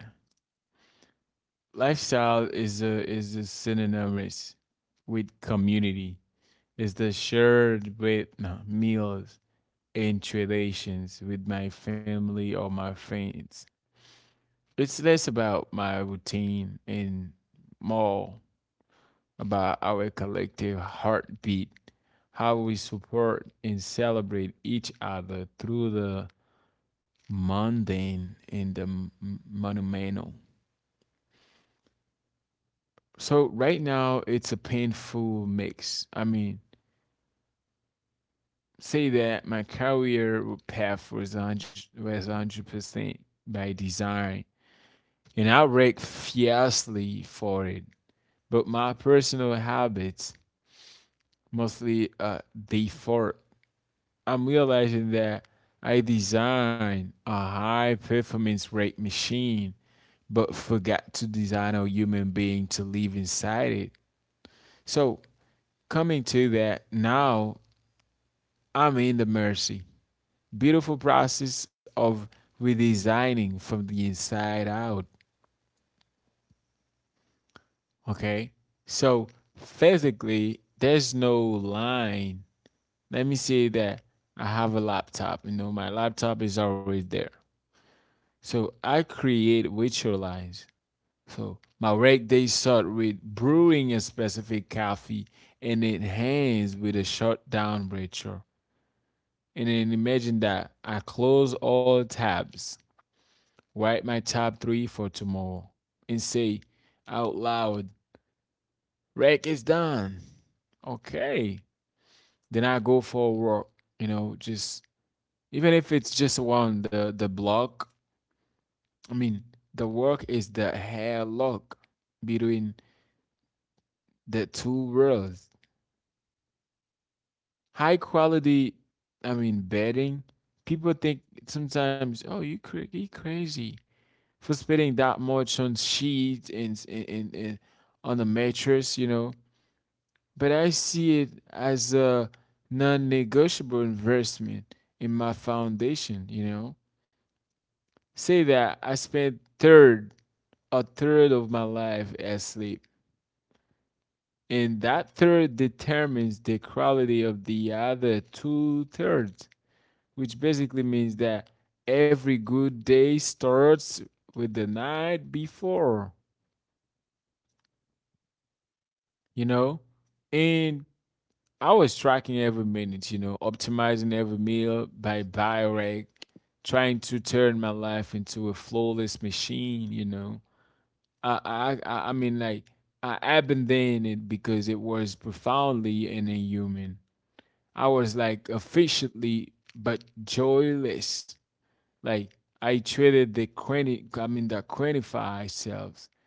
Speaker 1: lifestyle is a synonymous with community. It's the shared with no, meals and traditions with my family or my friends. It's less about my routine and more about our collective heartbeat, how we support and celebrate each other through the mundane and the monumental. So right now it's a painful mix. I mean, say that my career path was 100% by design, and I worked fiercely for it. But my personal habits mostly default. I'm realizing that I designed a high performance rate machine, but forgot to design a human being to live inside it. So coming to that, now I'm in the mercy. Beautiful process of redesigning from the inside out. Okay. So physically, there's no line. Let me say that I have a laptop. You know, my laptop is always there. So I create virtual lines. So my work day start with brewing a specific coffee, and it ends with a shutdown ritual. And then imagine that I close all tabs, write my top three for tomorrow, and say out loud, "Rec is done." Okay. Then I go for a walk, you know, just even if it's just around the block. I mean, the work is the hairlock between the two worlds. High quality, I mean, bedding. People think sometimes, oh, you crazy for spending that much on sheets, and on the mattress, you know. But I see it as a non-negotiable investment in my foundation, you know. Say that I spent third a third of my life as sleep, and that third determines the quality of the other two thirds, which basically means that every good day starts with the night before, you know? And I was tracking every minute, you know, optimizing every meal by bioreg, trying to turn my life into a flawless machine, you know. I mean like I abandoned it because it was profoundly inhuman. I was like efficiently but joyless. Like I traded the quanti I mean the quantify selves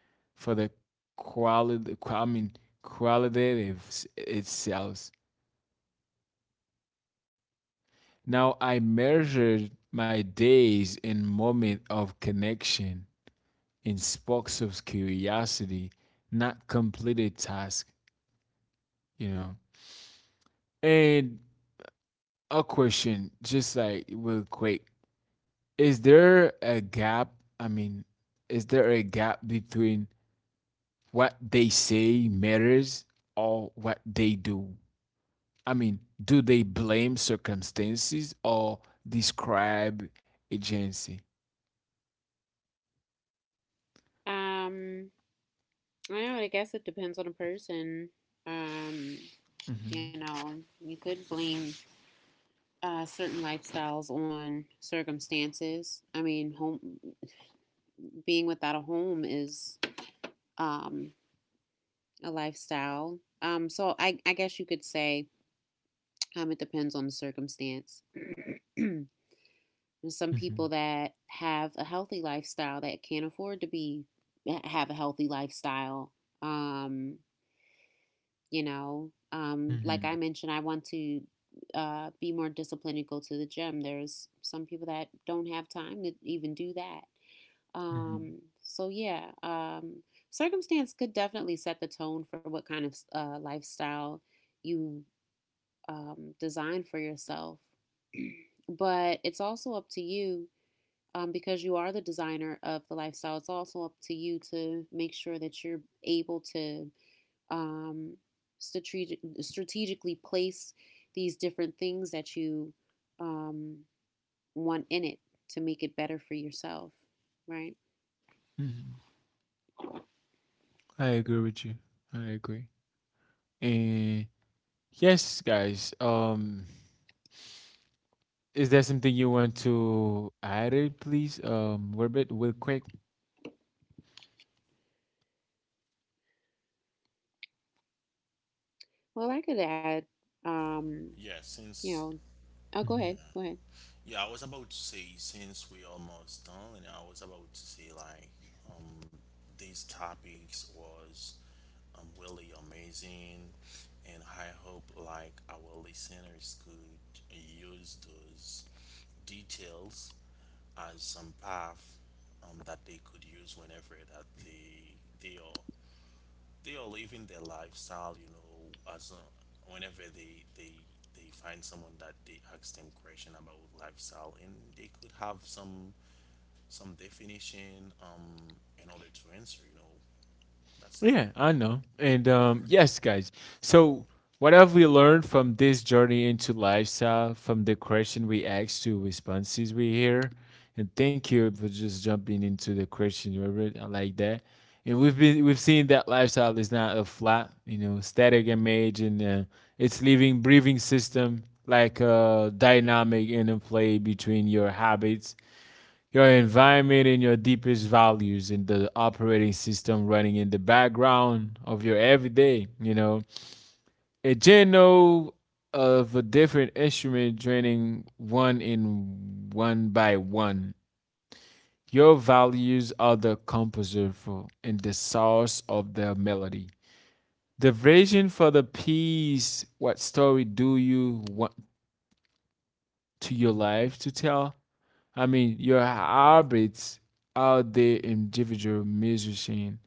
Speaker 1: for the quality I mean qualitative itself. Now I measured my days in moment of connection, in sparks of curiosity, not completed task, you know. And a question, just like real quick. Is there a gap? I mean, is there a gap between what they say matters or what they do? I mean, do they blame circumstances or describe agency?
Speaker 3: Um, I don't know, I guess it depends on the person. Um, you
Speaker 1: hmm
Speaker 3: know, you could blame certain lifestyles on circumstances. I mean, home being without a home is um a lifestyle. So I guess you could say it depends on the circumstance. There's some people that have a healthy lifestyle that can't afford to be have a healthy lifestyle. Um, you know, like I
Speaker 1: Mhm,
Speaker 3: mentioned, I want to be more disciplined and go to the gym. There's some people that don't have time to even do that.
Speaker 1: mhm,
Speaker 3: So yeah, circumstance could definitely set the tone for what kind of lifestyle you design for yourself. But it's also up to you because you are the designer of the lifestyle, it's also up to you to make sure that you're able to um, strategically place these different things that you um, want in it to make it better for yourself, right?
Speaker 1: mhm. I agree with you. I agree. And yes, guys. Is there something you want to add it, please? Werbit, real quick.
Speaker 3: Well, I could add, um,
Speaker 2: yeah,
Speaker 3: you
Speaker 2: since
Speaker 3: know, oh, go
Speaker 2: yeah.
Speaker 3: ahead, go ahead.
Speaker 2: Yeah, I was about to say since we're almost done, and I was about to say like um these topics was really amazing, and I hope like our listeners could use those details as some path that they could use whenever that they are they are living their lifestyle, you know, as whenever they find someone that they ask them question about lifestyle, and they could have some definition in order to answer, you know. That's it.
Speaker 1: Yeah, I know. And yes, guys. So, what have we learned from this journey into lifestyle, from the question we asked to responses we hear? And thank you for just jumping into the question, Robert. I like that. And we've seen that lifestyle is not a flat, you know, static image, and it's living, breathing system like a dynamic interplay between your habits, your environment and your deepest values and the operating system running in the background of your everyday, you know. A general of a different instrument draining one in one by one. Your values are the composer for and the source of the melody. The vision for the piece, what story do you want to your life to tell? I mean, your habits are the individual musician,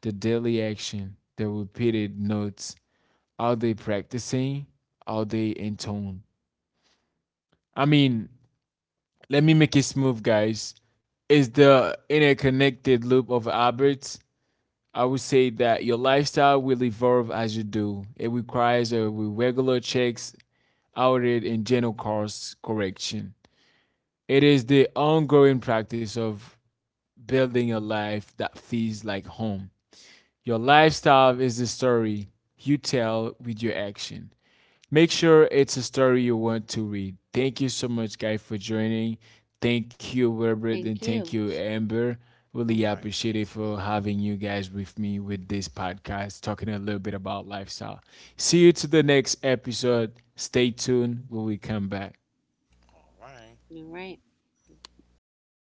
Speaker 1: the daily action, the repeated notes. Are they practicing? Are they in tone? I mean, let me make it smooth, guys. It's the interconnected loop of habits. I would say that your lifestyle will evolve as you do. It requires a regular checks, audit, and general course correction. It is the ongoing practice of building a life that feels like home. Your lifestyle is the story you tell with your action. Make sure it's a story you want to read. Thank you so much, guys, for joining. Thank you, Wilbert,
Speaker 3: Thank
Speaker 1: and thank
Speaker 3: you.
Speaker 1: you, Amber.
Speaker 2: All
Speaker 1: Really
Speaker 3: Mm-hmm.
Speaker 2: right,
Speaker 1: appreciate
Speaker 2: thank you.
Speaker 1: it for having you guys with me with this podcast, talking a little bit about lifestyle. See you to the next episode. Stay tuned when we come back.
Speaker 2: All right.
Speaker 3: All right.